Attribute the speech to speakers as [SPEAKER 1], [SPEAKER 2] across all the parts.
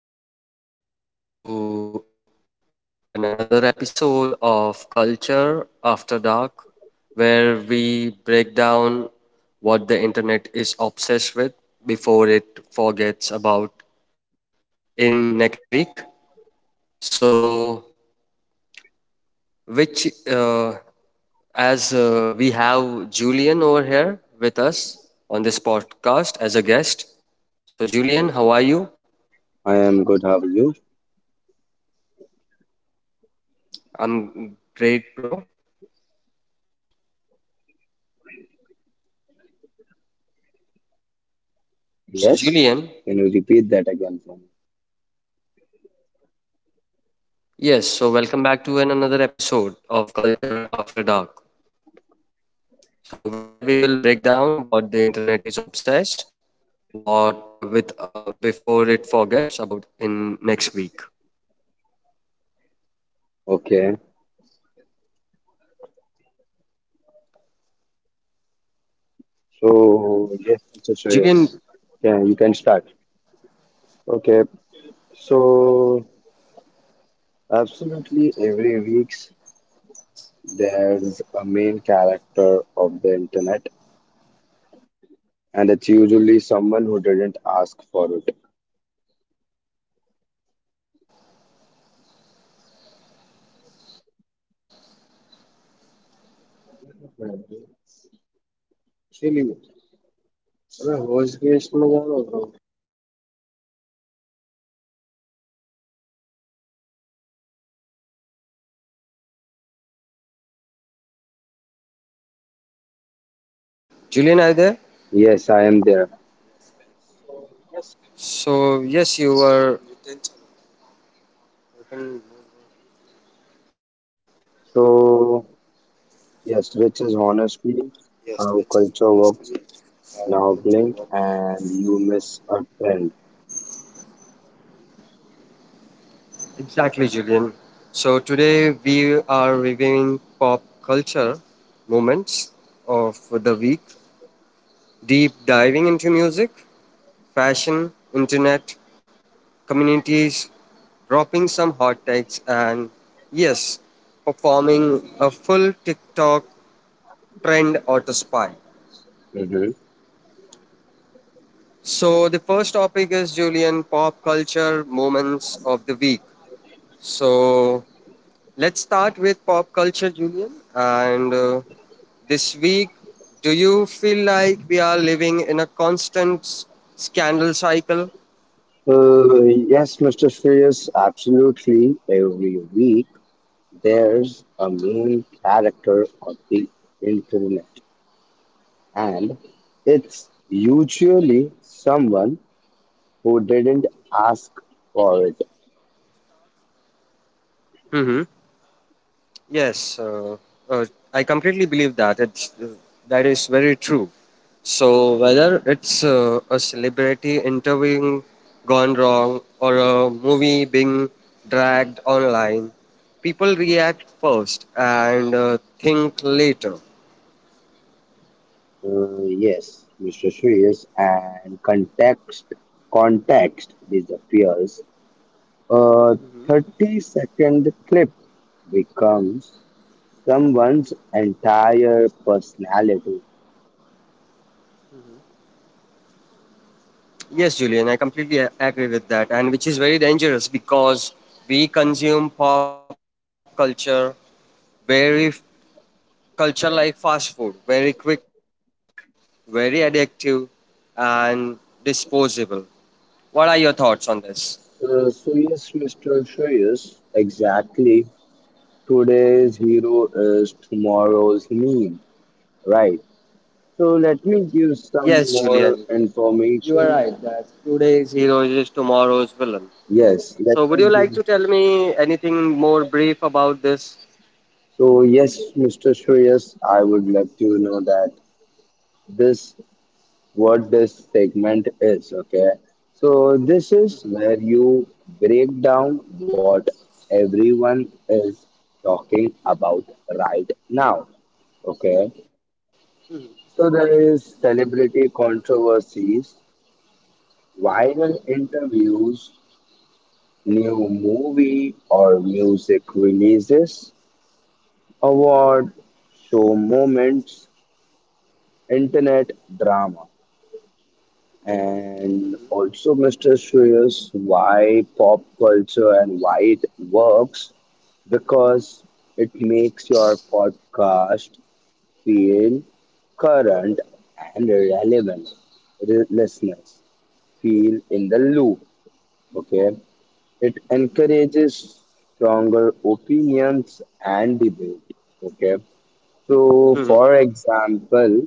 [SPEAKER 1] So, hello everyone. Welcome back to another episode of Culture After Dark, where we break down what the internet is obsessed with before it forgets about in next week. So, which, as We have Julian over here with us on this podcast as a guest. So, Julian, how are you?
[SPEAKER 2] I am good. How are you?
[SPEAKER 1] I'm great, bro. So,
[SPEAKER 2] Yes.
[SPEAKER 1] Julian,
[SPEAKER 2] Can you repeat that again for me?
[SPEAKER 1] yes, so welcome back to an another episode of Culture After Dark. So where we will break down what the internet is obsessed, what with, before it forgets about in next week.
[SPEAKER 2] Okay. So yes, I'm so sure. Yes.
[SPEAKER 1] Julian,
[SPEAKER 2] Yeah, you can start. Okay. So absolutely every week there's a main character of the internet, and it's usually someone who didn't ask for it.
[SPEAKER 1] Julian, are you there?
[SPEAKER 2] Yes, I am there.
[SPEAKER 1] So yes, you were
[SPEAKER 2] So yes, which is honestly how culture works. Now blink and you miss a trend.
[SPEAKER 1] exactly, Julian. So today we are reviewing pop culture moments of the week, deep diving into music, fashion, internet, communities, dropping some hot takes, and yes, performing a full TikTok trend or the spy.
[SPEAKER 2] Mm-hmm.
[SPEAKER 1] So, the first topic is Julian pop culture moments of the week. So, let's start with pop culture, Julian. And This week, do you feel like we are living in a constant scandal cycle?
[SPEAKER 2] Yes, Mr. Shreyas, absolutely. Every week there's a main character on the internet, and it's usually someone who didn't ask for it.
[SPEAKER 1] Mm-hmm. Yes, uh, I completely believe that it's that is very true. So whether it's a celebrity interviewing gone wrong or a movie being dragged online, people react first and think later.
[SPEAKER 2] Yes, Mr. Shreyas, and context disappears. A 30-second clip becomes someone's entire personality.
[SPEAKER 1] Yes, Julian, I completely agree with that, and which is very dangerous because we consume pop very culture like fast food, very quick, very addictive, and disposable. What are your thoughts on this?
[SPEAKER 2] So, yes, Mr. Shreyas, exactly. Today's hero is tomorrow's meme, right? So, let me give some
[SPEAKER 1] Yes,
[SPEAKER 2] more
[SPEAKER 1] Julian, you are
[SPEAKER 2] information.
[SPEAKER 1] right that today's hero is tomorrow's villain.
[SPEAKER 2] Yes, let
[SPEAKER 1] So, would
[SPEAKER 2] me
[SPEAKER 1] you like
[SPEAKER 2] give.
[SPEAKER 1] to tell me anything more brief about this?
[SPEAKER 2] So, yes, Mr. Shreyas, I would let you know that this what this segment is, okay? So, this is where you break down what everyone is talking about right now, okay? So, there is celebrity controversies, viral interviews, new movie or music releases, award show moments, internet drama. And also, Mr. Shreyas, why pop culture and why it works? Because it makes your podcast feel current and relevant. Listeners feel in the loop. Okay, it encourages stronger opinions and debate. Okay, so for
[SPEAKER 1] Mhm.
[SPEAKER 2] example,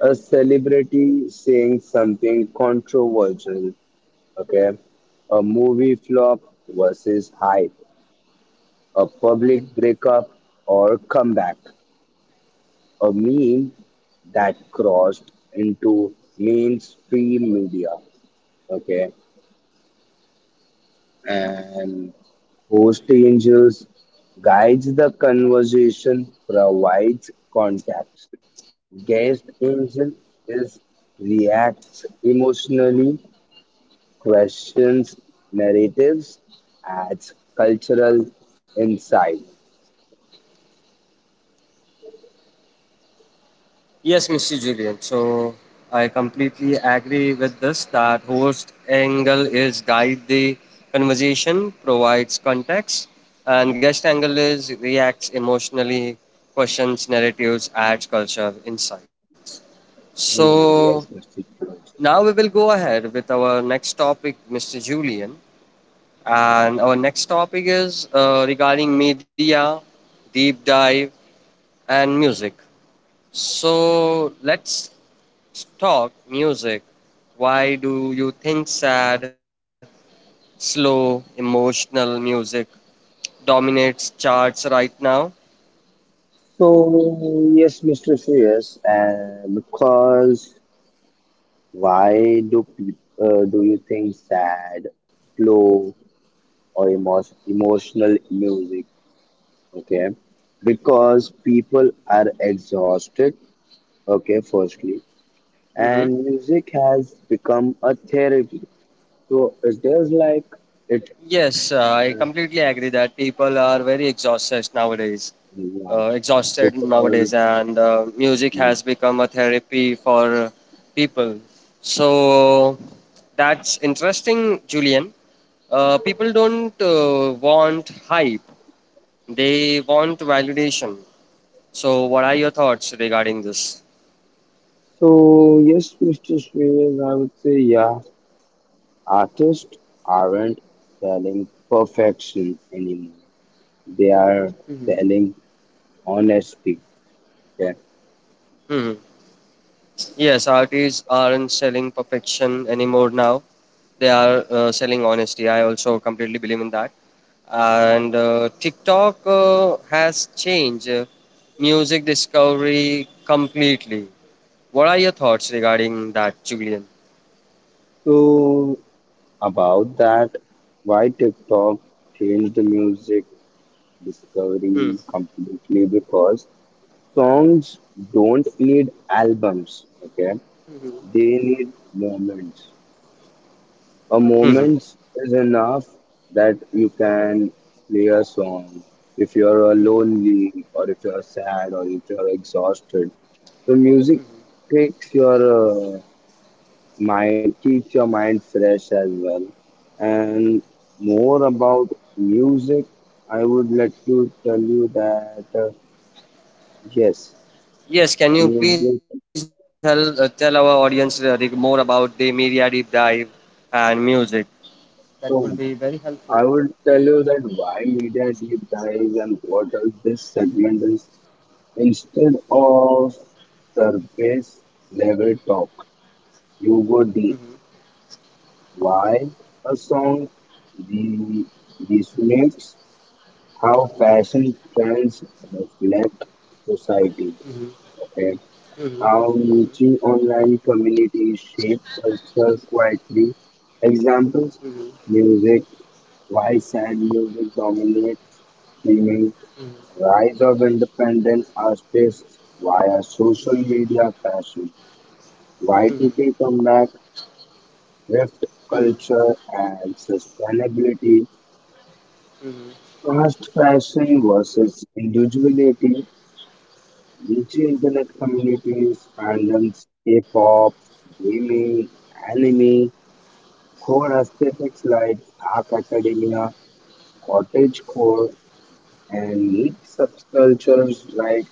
[SPEAKER 2] a celebrity saying something controversial. Okay. A movie flop versus hype. A public breakup or comeback. A meme that crossed into mainstream media. Okay. And host angels guides the conversation, provides context. Guest angel is reacts emotionally, questions narratives, adds cultural insight.
[SPEAKER 1] Yes, Mr. Julian. So I completely agree with this that host angle is guide the conversation, provides context, and guest angle is reacts emotionally, questions narratives, adds culture, insights.
[SPEAKER 2] Hmm,
[SPEAKER 1] So
[SPEAKER 2] yes, Mr. Suresh.
[SPEAKER 1] now we will go ahead with our next topic, Mr. Julian. And our next topic is regarding media, deep dive, and music. So let's talk music. Why do you think sad, slow, emotional music dominates charts right now?
[SPEAKER 2] So, yes, Mr. Suresh, and because why do people do you think sad, slow, or emotional music? Okay, because people are exhausted. Okay, firstly,
[SPEAKER 1] Hmm.
[SPEAKER 2] and music has become a therapy. So it is like it.
[SPEAKER 1] Yes, I
[SPEAKER 2] Uh,
[SPEAKER 1] completely agree that people are very exhausted nowadays.
[SPEAKER 2] Yeah,
[SPEAKER 1] Exhausted
[SPEAKER 2] because
[SPEAKER 1] nowadays, and music has become a therapy for people. So that's interesting, Julian. People don't want hype. They want validation. So, what are your thoughts regarding this?
[SPEAKER 2] So yes, Mr. Shreyas, I would say yeah. Artists aren't selling perfection anymore. They are
[SPEAKER 1] Hmm.
[SPEAKER 2] selling honesty. Okay.
[SPEAKER 1] Hmm. Yes, artists aren't selling perfection anymore now. They are selling honesty. I also completely believe in that. And TikTok has changed music discovery completely. What are your thoughts regarding that, Julian?
[SPEAKER 2] So about that, why TikTok changed the music discovery
[SPEAKER 1] Hmm.
[SPEAKER 2] completely because songs don't need albums. Okay. They need moments. A
[SPEAKER 1] Hmm. Hmm.
[SPEAKER 2] moment is enough that you can play a song. If you're
[SPEAKER 1] Hmm.
[SPEAKER 2] lonely, or if you're sad, or if you're exhausted, the music takes your uh, mind, keeps your mind fresh as well. And more about music, I would like to tell you that yes,
[SPEAKER 1] Yes, can you please
[SPEAKER 2] music.
[SPEAKER 1] help, tell our audience more about the media deep dive and music? That will be very
[SPEAKER 2] So
[SPEAKER 1] helpful.
[SPEAKER 2] I would tell you that why media deep dives and what else this segment is. Instead of surface level talk, you would be why a song re- resonates, how fashion trends reflect society, and how niche online communities shape culture quietly. Examples music, why sad music dominates streaming, rise of independent artists via social media fashion, Y2K comeback, thrift culture and sustainability, fast fashion versus individuality, niche internet communities, fandoms, K-pop, gaming, anime, core aesthetics like Dark Academia, cottage core, and neat subcultures like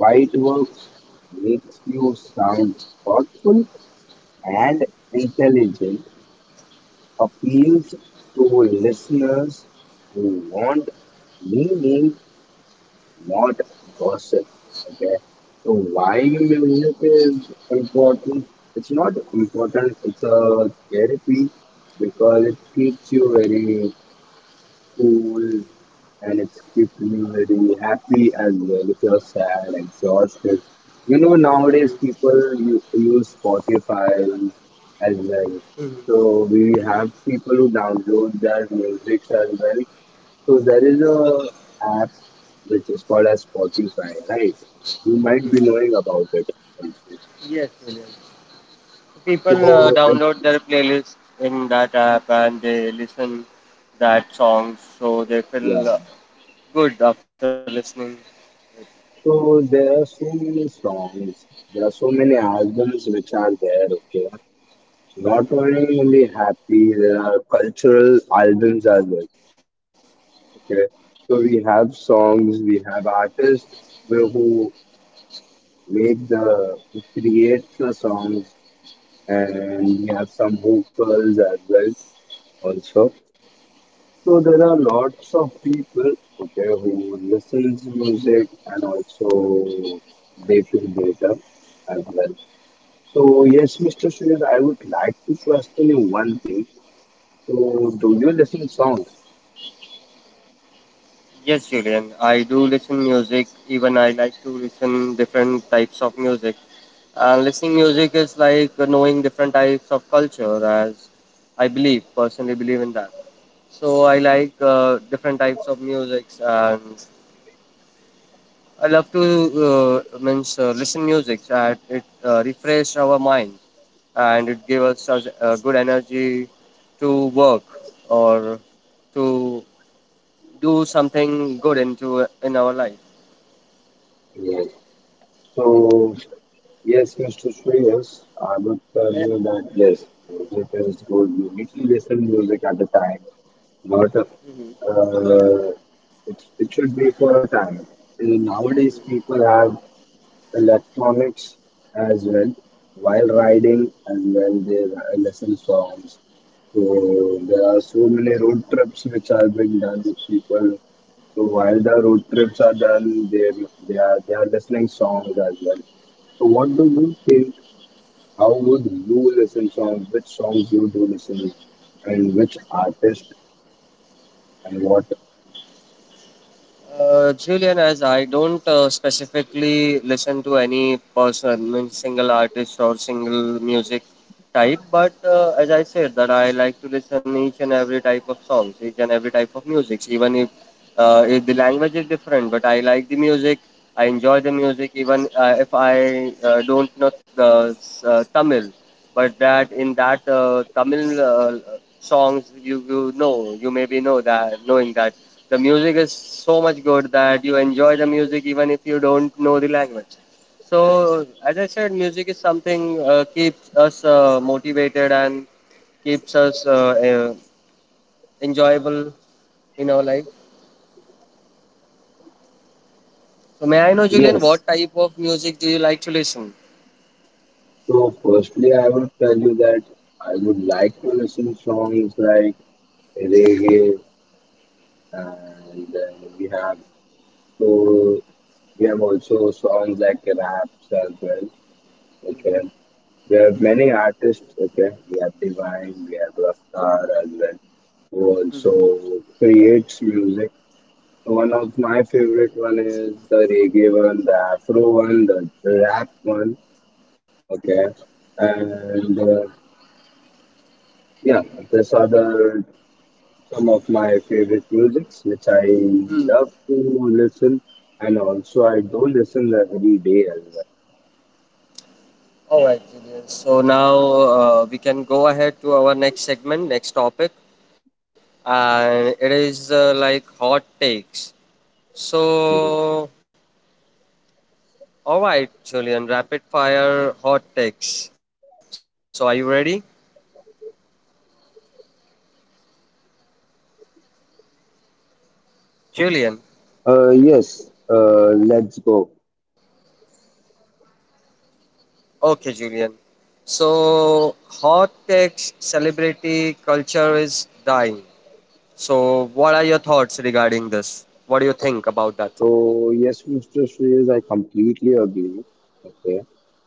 [SPEAKER 2] white works makes you sound thoughtful and intelligent, appeals to listeners who want meaning, not gossip. Okay. So why music is important? It's not important. It's a therapy because it keeps you very cool and it's keep you very happy as well if you're sad, exhausted. You know, nowadays people use Spotify as well. So we have people who download their music as well. So there is a app which is called as Spotify, right? You might be knowing about it also.
[SPEAKER 1] Yes, William. People
[SPEAKER 2] So
[SPEAKER 1] download their playlist in that app and they listen that songs, so they feel
[SPEAKER 2] yeah.
[SPEAKER 1] good after listening.
[SPEAKER 2] So there are so many songs. There are so many albums which are there. Okay, not only happy, there are cultural albums as well. Okay, so we have songs, we have artists who who who create the songs, and we have some vocals as well also. So there are lots of people, okay, who listens music and also they feel better as well. So yes, Mr. Shreyas, I would like to question you one thing. So do you listen songs?
[SPEAKER 1] Yes, Julian, I do listen music. Even I like to listen different types of music. And listening music is like knowing different types of culture, as I believe, personally believe in that. So I like different types of musics, and I love to means listen music. That it refresh our mind and it gives us a good energy to work or to do something good into in our life.
[SPEAKER 2] Yes. So, yes, Mr. Shreyas, I would tell you
[SPEAKER 1] Yeah.
[SPEAKER 2] that yes, music is good. You need to listen music at the time, not
[SPEAKER 1] Hmm.
[SPEAKER 2] it should be for a time. Nowadays,
[SPEAKER 1] Hmm.
[SPEAKER 2] people have electronics as well while riding,
[SPEAKER 1] Hmm.
[SPEAKER 2] as well they listen songs. So there are so many road trips which are being done with people so while the road trips are done, they are listening songs as well. So what do you think? How would you listen songs? Which songs you do listen, and which artist and what?
[SPEAKER 1] Julian, as I don't specifically listen to any person, means single artist or single music type, but as I said, that I like to listen each and every type of songs, each and every type of music, even if the language is different, but I like the music, I enjoy the music, even if I don't know the Tamil, but that in that Tamil songs you, you know you maybe know that knowing that the music is so much good that you enjoy the music even if you don't know the language. So as I said, music is something keeps us motivated and keeps us uh, enjoyable in our life. So may I know, Julian,
[SPEAKER 2] Yes.
[SPEAKER 1] what type of music do you like to listen?
[SPEAKER 2] So firstly, I would tell you that I would like to listen songs like reggae, and then we have so we have also songs like raps as well, which were. There are many artists, okay? We have Divine, we have Raftar as well, who also creates music. One of my favorite one is the reggae one, the afro one, the rap one, okay? And yeah, these are the some of my favorite musics which I
[SPEAKER 1] Hmm.
[SPEAKER 2] love to listen, and also I do listen every day as
[SPEAKER 1] All right, Julian. So now we can go ahead to our next segment, next topic, and it is like hot takes.
[SPEAKER 2] well. Mhm.
[SPEAKER 1] So, all right, Julian, rapid fire hot takes. So, are you ready, Julian?
[SPEAKER 2] Yes, let's go.
[SPEAKER 1] Okay, Julian. So, hot takes celebrity culture is dying. So, what are your thoughts regarding this? What do you think about that?
[SPEAKER 2] So yes, Mr. Shreyas, I completely agree. Okay,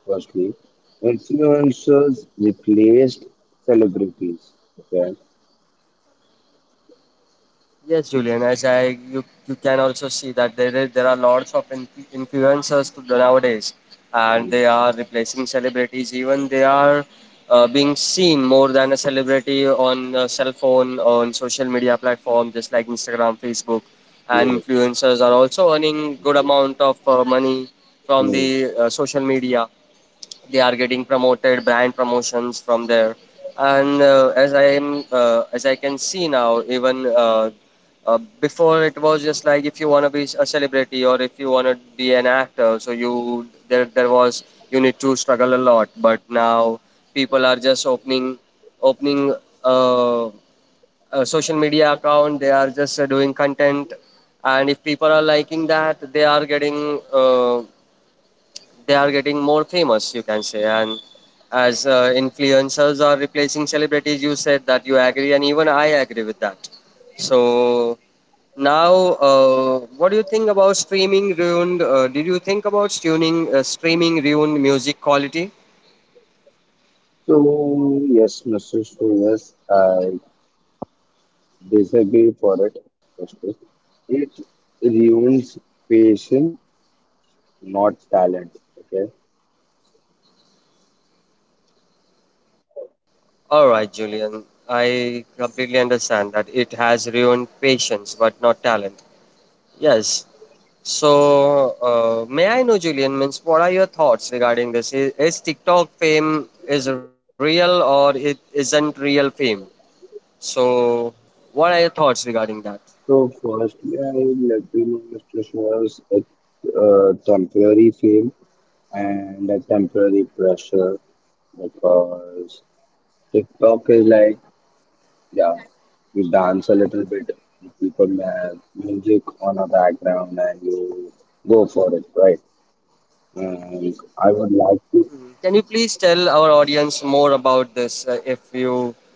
[SPEAKER 2] firstly, influencers replaced celebrities. Okay.
[SPEAKER 1] Yes, Julian. As I you you can also see that there are lots of influencers nowadays, and
[SPEAKER 2] Mm.
[SPEAKER 1] they are replacing celebrities. Even they are being seen more than a celebrity on cell phone on social media platform, just like Instagram, Facebook, and
[SPEAKER 2] Yes.
[SPEAKER 1] influencers are also earning good amount of money from the
[SPEAKER 2] Mm.
[SPEAKER 1] social media. They are getting promoted brand promotions from there. And as I can see now, even before it was just like if you want to be a celebrity or if you want to be an actor, so you there there was, you need to struggle a lot. But now people are just opening uh, a social media account. They are just doing content, and if people are liking that, they are getting more famous, you can say. And as influencers are replacing celebrities, you said that you agree, and even I agree with that. So now, what do you think about streaming ruined did you think about tuning streaming ruined music quality?
[SPEAKER 2] So yes, Mr. Shreyas, I disagree for it. Firstly, it ruins patience, not talent. Okay.
[SPEAKER 1] All right, Julian, I completely understand that it has ruined patience but not talent. Yes. So, may I know, Julian, means what are your thoughts regarding this? Is TikTok fame is real or it isn't real fame? So, what are your thoughts regarding that?
[SPEAKER 2] So firstly, I will let you know, Mr. Shreyas, it's temporary fame and a temporary pressure because TikTok is like, yeah, you dance a little bit, you put music on a background and you go for it, right? And I would like
[SPEAKER 1] Can you
[SPEAKER 2] to,
[SPEAKER 1] please tell our audience more about this? If you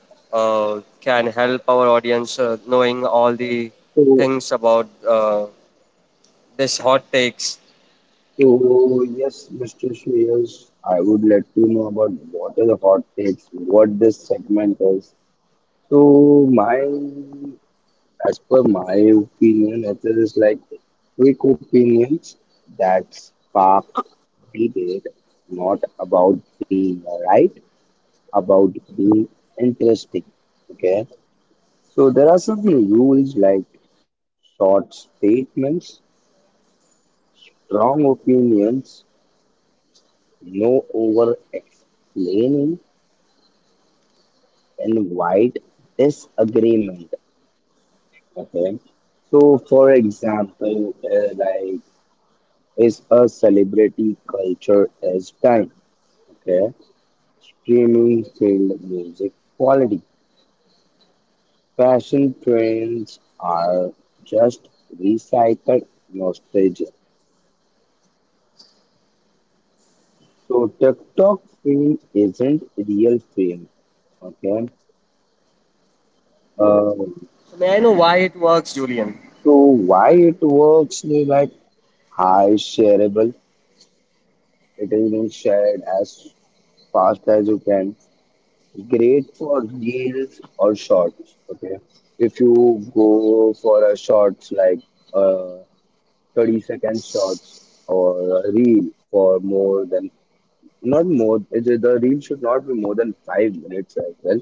[SPEAKER 1] can help our audience knowing all the
[SPEAKER 2] so,
[SPEAKER 1] things about this hot takes.
[SPEAKER 2] so yes, Mr. Shreyas, I would like to know about what are the hot takes, what this segment is. So my as per my opinion, it is like quick opinions that spark debate, not about being right, about being interesting. Okay, so there are some rules like short statements, strong opinions, no over explaining, and wide disagreement. Okay, so for example, like, is a celebrity culture as time. Okay, streaming field music quality. Fashion trends are just recycled nostalgia. So TikTok fame isn't real fame. Okay, uh,
[SPEAKER 1] So may I know why it works, Julian?
[SPEAKER 2] so why it works is like high shareable. It is being shared as fast as you can. Great for reels or shorts. Okay. If you go for a shorts like uh 30-second shorts or a reel for more than not more it- the reel should not be more than 5 minutes as well.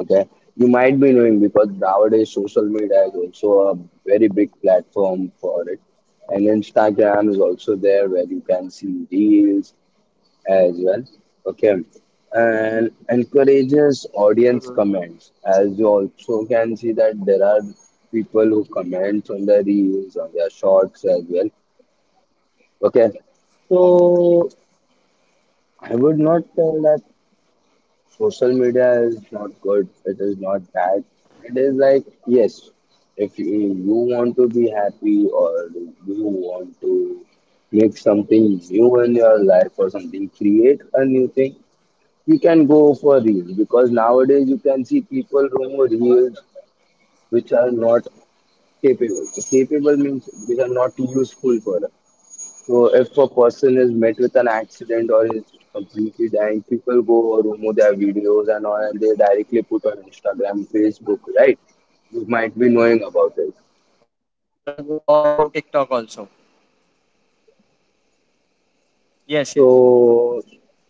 [SPEAKER 2] Okay. You might be knowing because nowadays social media is also a very big platform for it. And Instagram is also there where you can see reels as well. Okay. And encourages
[SPEAKER 1] Mhm.
[SPEAKER 2] audience comments. As you also can see that there are people who comment on their reels, on their shorts as well. Okay. So I would not tell that social media is not good. It is not bad. It is like, yes, if you want to be happy or you want to make something new in your life or something, create a new thing. We can go for reels because nowadays you can see people doing reels which are not capable. Capable means which are not useful for us. So if a person is met with an accident or is completely dying, people go or remove their videos and all and they directly put on Instagram, Facebook, right? You might be knowing about it.
[SPEAKER 1] Or in, or else in TikTok also? Yes, yes.
[SPEAKER 2] So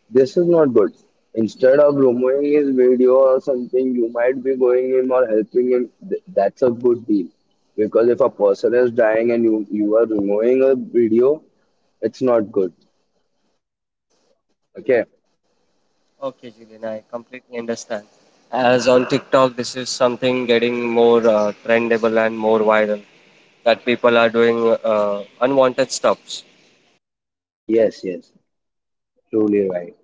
[SPEAKER 2] this is not good. Instead of removing his video or something, you might be going him or helping him. That's a good deal. Because if a person is dying and you are removing a video, it's not good. Okay.
[SPEAKER 1] Okay, Julian, I completely understand. As on TikTok, this is something getting more trendable and more viral that people are doing unwanted stuffs.
[SPEAKER 2] Yes, yes. Truly right.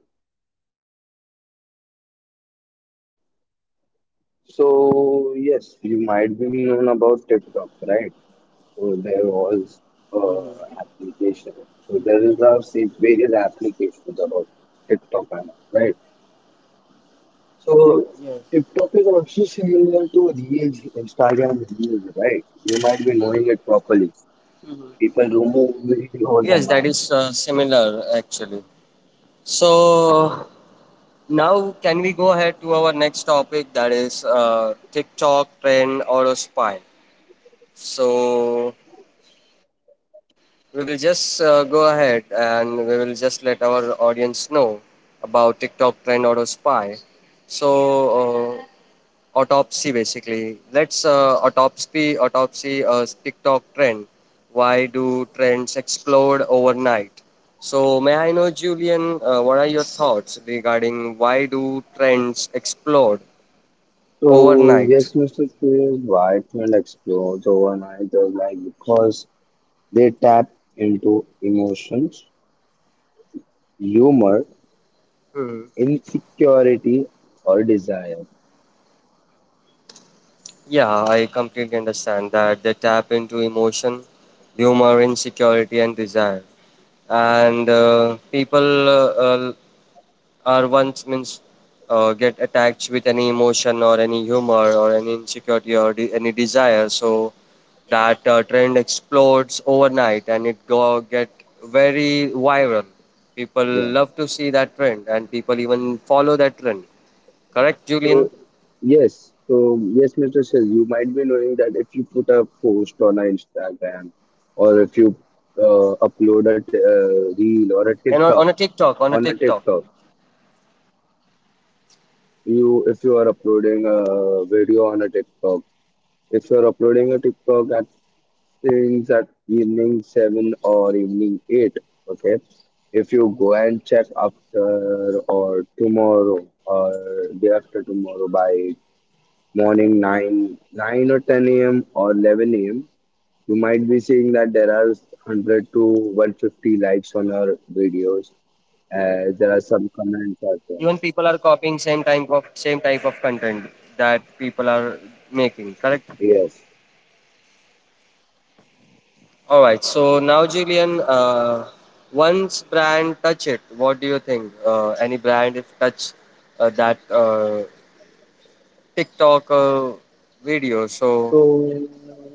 [SPEAKER 2] So yes, you might be known about TikTok, right? So there was application. So there is now say various applications about TikTok and all, right? So
[SPEAKER 1] Yes.
[SPEAKER 2] TikTok is also similar to Reels, Instagram Reels, right? You might be knowing it properly. People remove videos
[SPEAKER 1] Yes,
[SPEAKER 2] and
[SPEAKER 1] that
[SPEAKER 2] all.
[SPEAKER 1] is similar actually. So now, can we go ahead to our next topic, that is TikTok trend or a spy? So we will just go ahead and we will just let our audience know about TikTok trend auto spy. So uh, autopsy basically. Let's autopsy TikTok trend. Why do trends explode overnight? So may I know, Julian, what are your thoughts regarding why do trends explode
[SPEAKER 2] So yes,
[SPEAKER 1] overnight?
[SPEAKER 2] Mr. Suresh, Whiteman explodes overnight just like because they tap into emotions, humor,
[SPEAKER 1] Hmm.
[SPEAKER 2] insecurity, or desire.
[SPEAKER 1] Yeah, I completely understand that they tap into emotion, humor, insecurity, and desire. And people uh, are once means get attached with any emotion or any humor or any insecurity or any desire. So that trend explodes overnight and it go get very viral. People love to see that trend and people even follow that trend.
[SPEAKER 2] So
[SPEAKER 1] Correct, Julian?
[SPEAKER 2] yes, so yes, Mr. Sil, you might be knowing that if you put a post on a Instagram or if you upload a reel or a
[SPEAKER 1] And
[SPEAKER 2] TikTok
[SPEAKER 1] on a TikTok, on a
[SPEAKER 2] on a
[SPEAKER 1] TikTok.
[SPEAKER 2] TikTok, you if you are uploading a video on a TikTok, if you are uploading a TikTok at things at evening 7 or evening 8, okay. If you go and check after or tomorrow or day after tomorrow by morning 9 9 or 10 a.m. or 11 a.m., you might be seeing that there are 100 to 150 likes on your videos. There are some comments as
[SPEAKER 1] Even
[SPEAKER 2] well.
[SPEAKER 1] people are copying same type of content that people are making, correct?
[SPEAKER 2] Yes,
[SPEAKER 1] All right, so now, Julian, once brand touch it, what do you think? Uh, any brand if touch that TikTok video,
[SPEAKER 2] so
[SPEAKER 1] so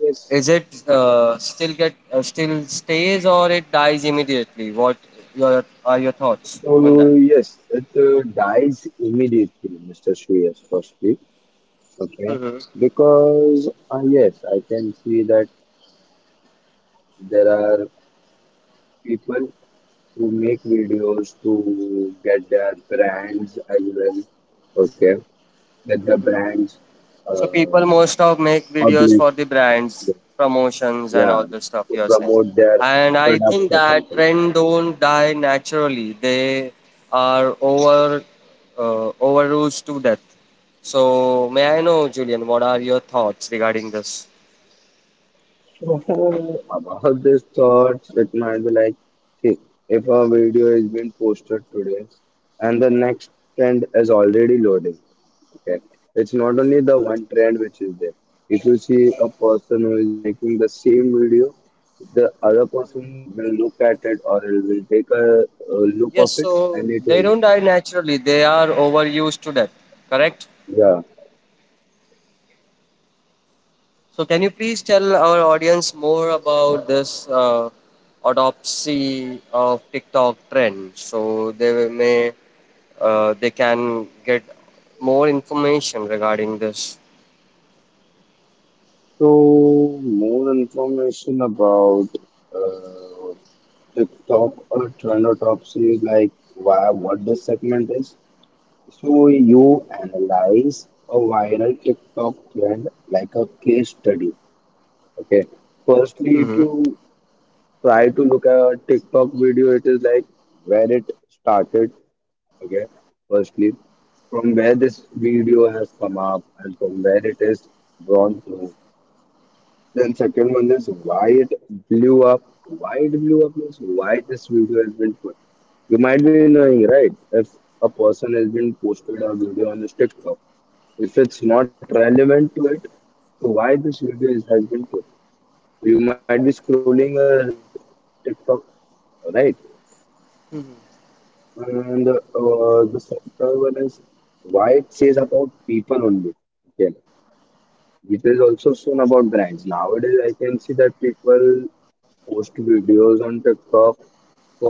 [SPEAKER 2] yes,
[SPEAKER 1] is it still stays or it dies immediately? What your are your thoughts
[SPEAKER 2] so
[SPEAKER 1] on that?
[SPEAKER 2] yes, it dies immediately, Mr. Shreyas. Firstly, okay,
[SPEAKER 1] Hmm.
[SPEAKER 2] because yes, I can see that there are people who make videos to get their brands as well. Okay. That the brands
[SPEAKER 1] So
[SPEAKER 2] uh,
[SPEAKER 1] people most of make videos
[SPEAKER 2] publish,
[SPEAKER 1] for the brands,
[SPEAKER 2] the-
[SPEAKER 1] promotions and
[SPEAKER 2] yeah,
[SPEAKER 1] all the stuff
[SPEAKER 2] to
[SPEAKER 1] you're saying.
[SPEAKER 2] promote their
[SPEAKER 1] And I
[SPEAKER 2] products
[SPEAKER 1] think
[SPEAKER 2] or
[SPEAKER 1] that
[SPEAKER 2] something.
[SPEAKER 1] trend don't die naturally. They are overused to death. So may I know, Julian, what are your thoughts regarding this?
[SPEAKER 2] So about these thoughts, it might be like, see, if a video is being posted today and the next trend is already loading, okay, it's not only the one trend which is there. If you see a person who is making the same video, the other person will look at it or will take a look
[SPEAKER 1] Yes,
[SPEAKER 2] of it
[SPEAKER 1] so
[SPEAKER 2] and it
[SPEAKER 1] they don't die naturally. They are overused to death. Correct?
[SPEAKER 2] yeah.
[SPEAKER 1] So, can you please tell our audience more about this autopsy of TikTok trend, so they may they can get more information regarding this.
[SPEAKER 2] So, more information about uh, TikTok or trend or top is like why, what the segment is. So, you analyze a viral TikTok trend like a case study. Okay. Firstly, if you
[SPEAKER 1] Hmm.
[SPEAKER 2] try to look at a TikTok video, it is like where it started. Okay. Firstly, from where this video has come up and from where it is gone through, then second one is why it blew up. Why it blew up means why this video has been put. You might be knowing, right? If a person has been posted a video on his TikTok, if it's not relevant to it, so why this video is, has been put? You might be scrolling a TikTok, right? And The second one is why it says about people only. Okay, it is also soon about brands. Nowadays, I can see that people post videos on TikTok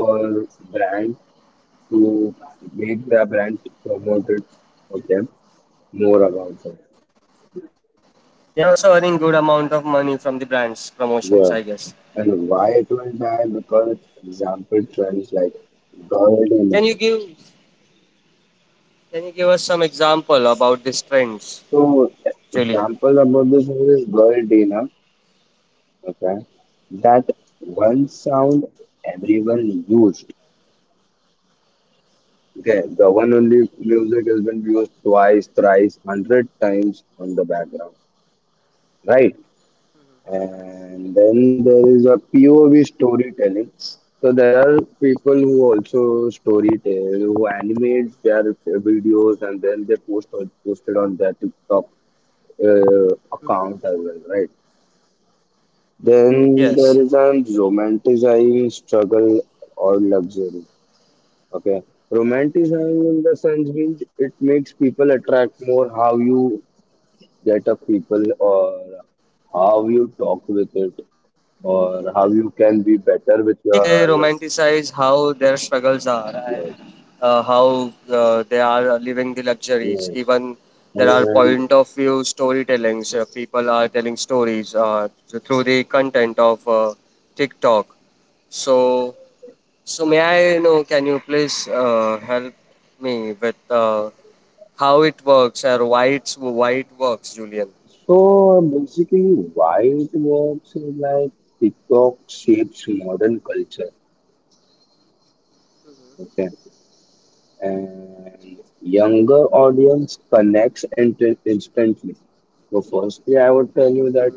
[SPEAKER 2] for brand to make their brand promoted for them more about them.
[SPEAKER 1] They are also earning good amount of money from the brands promotions,
[SPEAKER 2] Yeah.
[SPEAKER 1] I guess.
[SPEAKER 2] And why it will die? Because example trends like girl dinner.
[SPEAKER 1] Can you give, can you give us some example about these trends,
[SPEAKER 2] So
[SPEAKER 1] Julian?
[SPEAKER 2] example about this one is girl dinner. Okay. That one sound everyone used. Okay. The one only music has been used twice, thrice, hundred times on the background. Right. And then there is a POV storytelling. So there are people who also story tell, who animate their videos and then they post on posted on their TikTok account as well, right? Then there is a
[SPEAKER 1] Yes.
[SPEAKER 2] romanticizing struggle or luxury. Okay, romanticizing in the sense means it makes people attract more how you get up people or how you talk with it or how you can be
[SPEAKER 1] Basically,
[SPEAKER 2] better
[SPEAKER 1] they
[SPEAKER 2] with your
[SPEAKER 1] romanticize how their struggles are, and
[SPEAKER 2] yes,
[SPEAKER 1] how they are living the luxuries. Even
[SPEAKER 2] yes,
[SPEAKER 1] there are point
[SPEAKER 2] and
[SPEAKER 1] of view storytellings. People are telling stories through the content of TikTok. So, so may I know, can you please help me with how it works or why it works, Julian?
[SPEAKER 2] so basically why it works is like TikTok shapes modern culture, okay, and younger audience connects instantly. So firstly I would tell you that,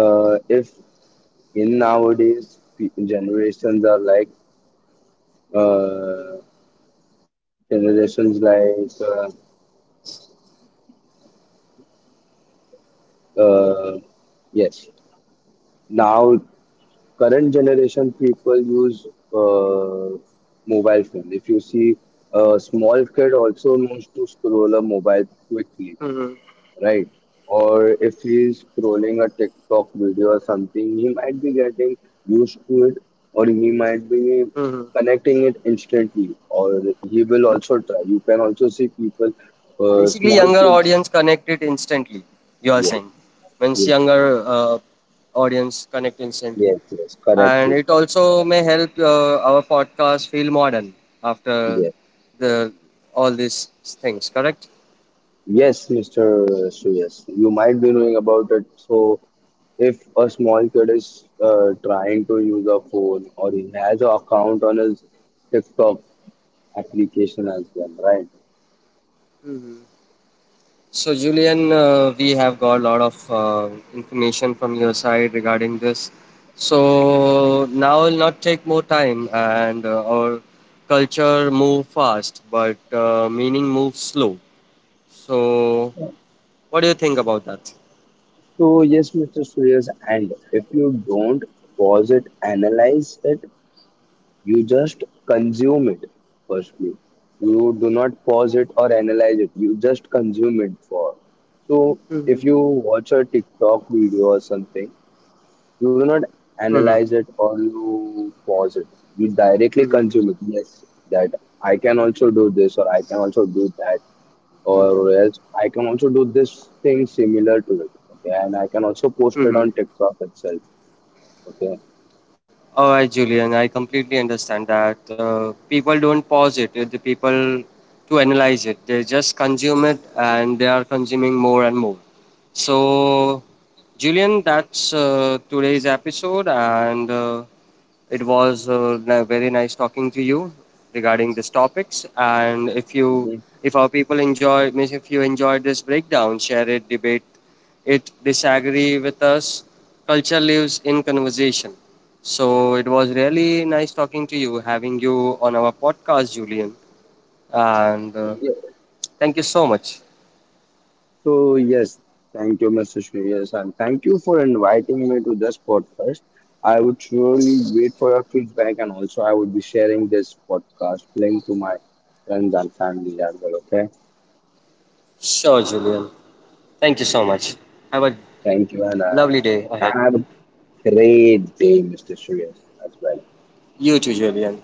[SPEAKER 2] if in nowadays generations are like, uh, generations like uh, yes, now current generation people use, uh, mobile phone. If you see, a small kid also knows to scroll a mobile quickly,
[SPEAKER 1] Mm-hmm.
[SPEAKER 2] right? Or if he is scrolling a tiktok video or something, he might be getting used to it, or he might be
[SPEAKER 1] Mm-hmm.
[SPEAKER 2] connecting it instantly, or he will also try. You can also see people,
[SPEAKER 1] Basically,
[SPEAKER 2] small
[SPEAKER 1] younger
[SPEAKER 2] kids.
[SPEAKER 1] audience connected instantly. You are
[SPEAKER 2] Yeah,
[SPEAKER 1] saying, means
[SPEAKER 2] yeah.
[SPEAKER 1] younger audience connect instantly,
[SPEAKER 2] Yes, yes, correct.
[SPEAKER 1] and it also may help our podcast feel modern after
[SPEAKER 2] Yes, yes.
[SPEAKER 1] the all these things. Correct.
[SPEAKER 2] Yes, Mr. Shreyas, you might be knowing about it. So, if a small kid is trying to use a phone or he has an account on his TikTok application as well, right?
[SPEAKER 1] So, Julian, we have got a lot of information from your side regarding this. So now will not take more time, and our culture move fast, but meaning moves slow. So, what do you think about that?
[SPEAKER 2] So, yes, Mr. Shreyas, and if you don't pause it, analyze it, you just consume it, firstly. You do not pause it or analyze it. You just consume it for. So if
[SPEAKER 1] Mm-hmm.
[SPEAKER 2] you watch a TikTok video or something, you do not analyze
[SPEAKER 1] Hmm.
[SPEAKER 2] it or you pause it. You directly
[SPEAKER 1] Mm-hmm.
[SPEAKER 2] consume it. Yes, that I can also do this or I can also do that, or else I can also do this thing similar to it. Okay, and I can also post it on
[SPEAKER 1] Mm-hmm.
[SPEAKER 2] TikTok itself. Okay.
[SPEAKER 1] All right, Julian, I completely understand that. People don't pause it, the people to analyze it. They just consume it, and they are consuming more and more. So, Julian, that's today's episode, and it was very nice talking to you regarding these topics. And if you,
[SPEAKER 2] Mhm.
[SPEAKER 1] if our people enjoy, means if you enjoyed this breakdown, share it, debate it, disagree with us. Culture lives in conversation. So it was really nice talking to you, having you on our podcast, Julian. And thank you so much.
[SPEAKER 2] So yes, thank you, Mr. Shreyas, and thank you for inviting me to this podcast. I would surely wait for your feedback, and also I would be sharing this podcast link to my friends and family as well. Okay,
[SPEAKER 1] Sure, Julian. Thank you so much. Have a
[SPEAKER 2] thank you, and
[SPEAKER 1] lovely day ahead.
[SPEAKER 2] have a great day, Mr. Shreyas, as well.
[SPEAKER 1] You too, Julian.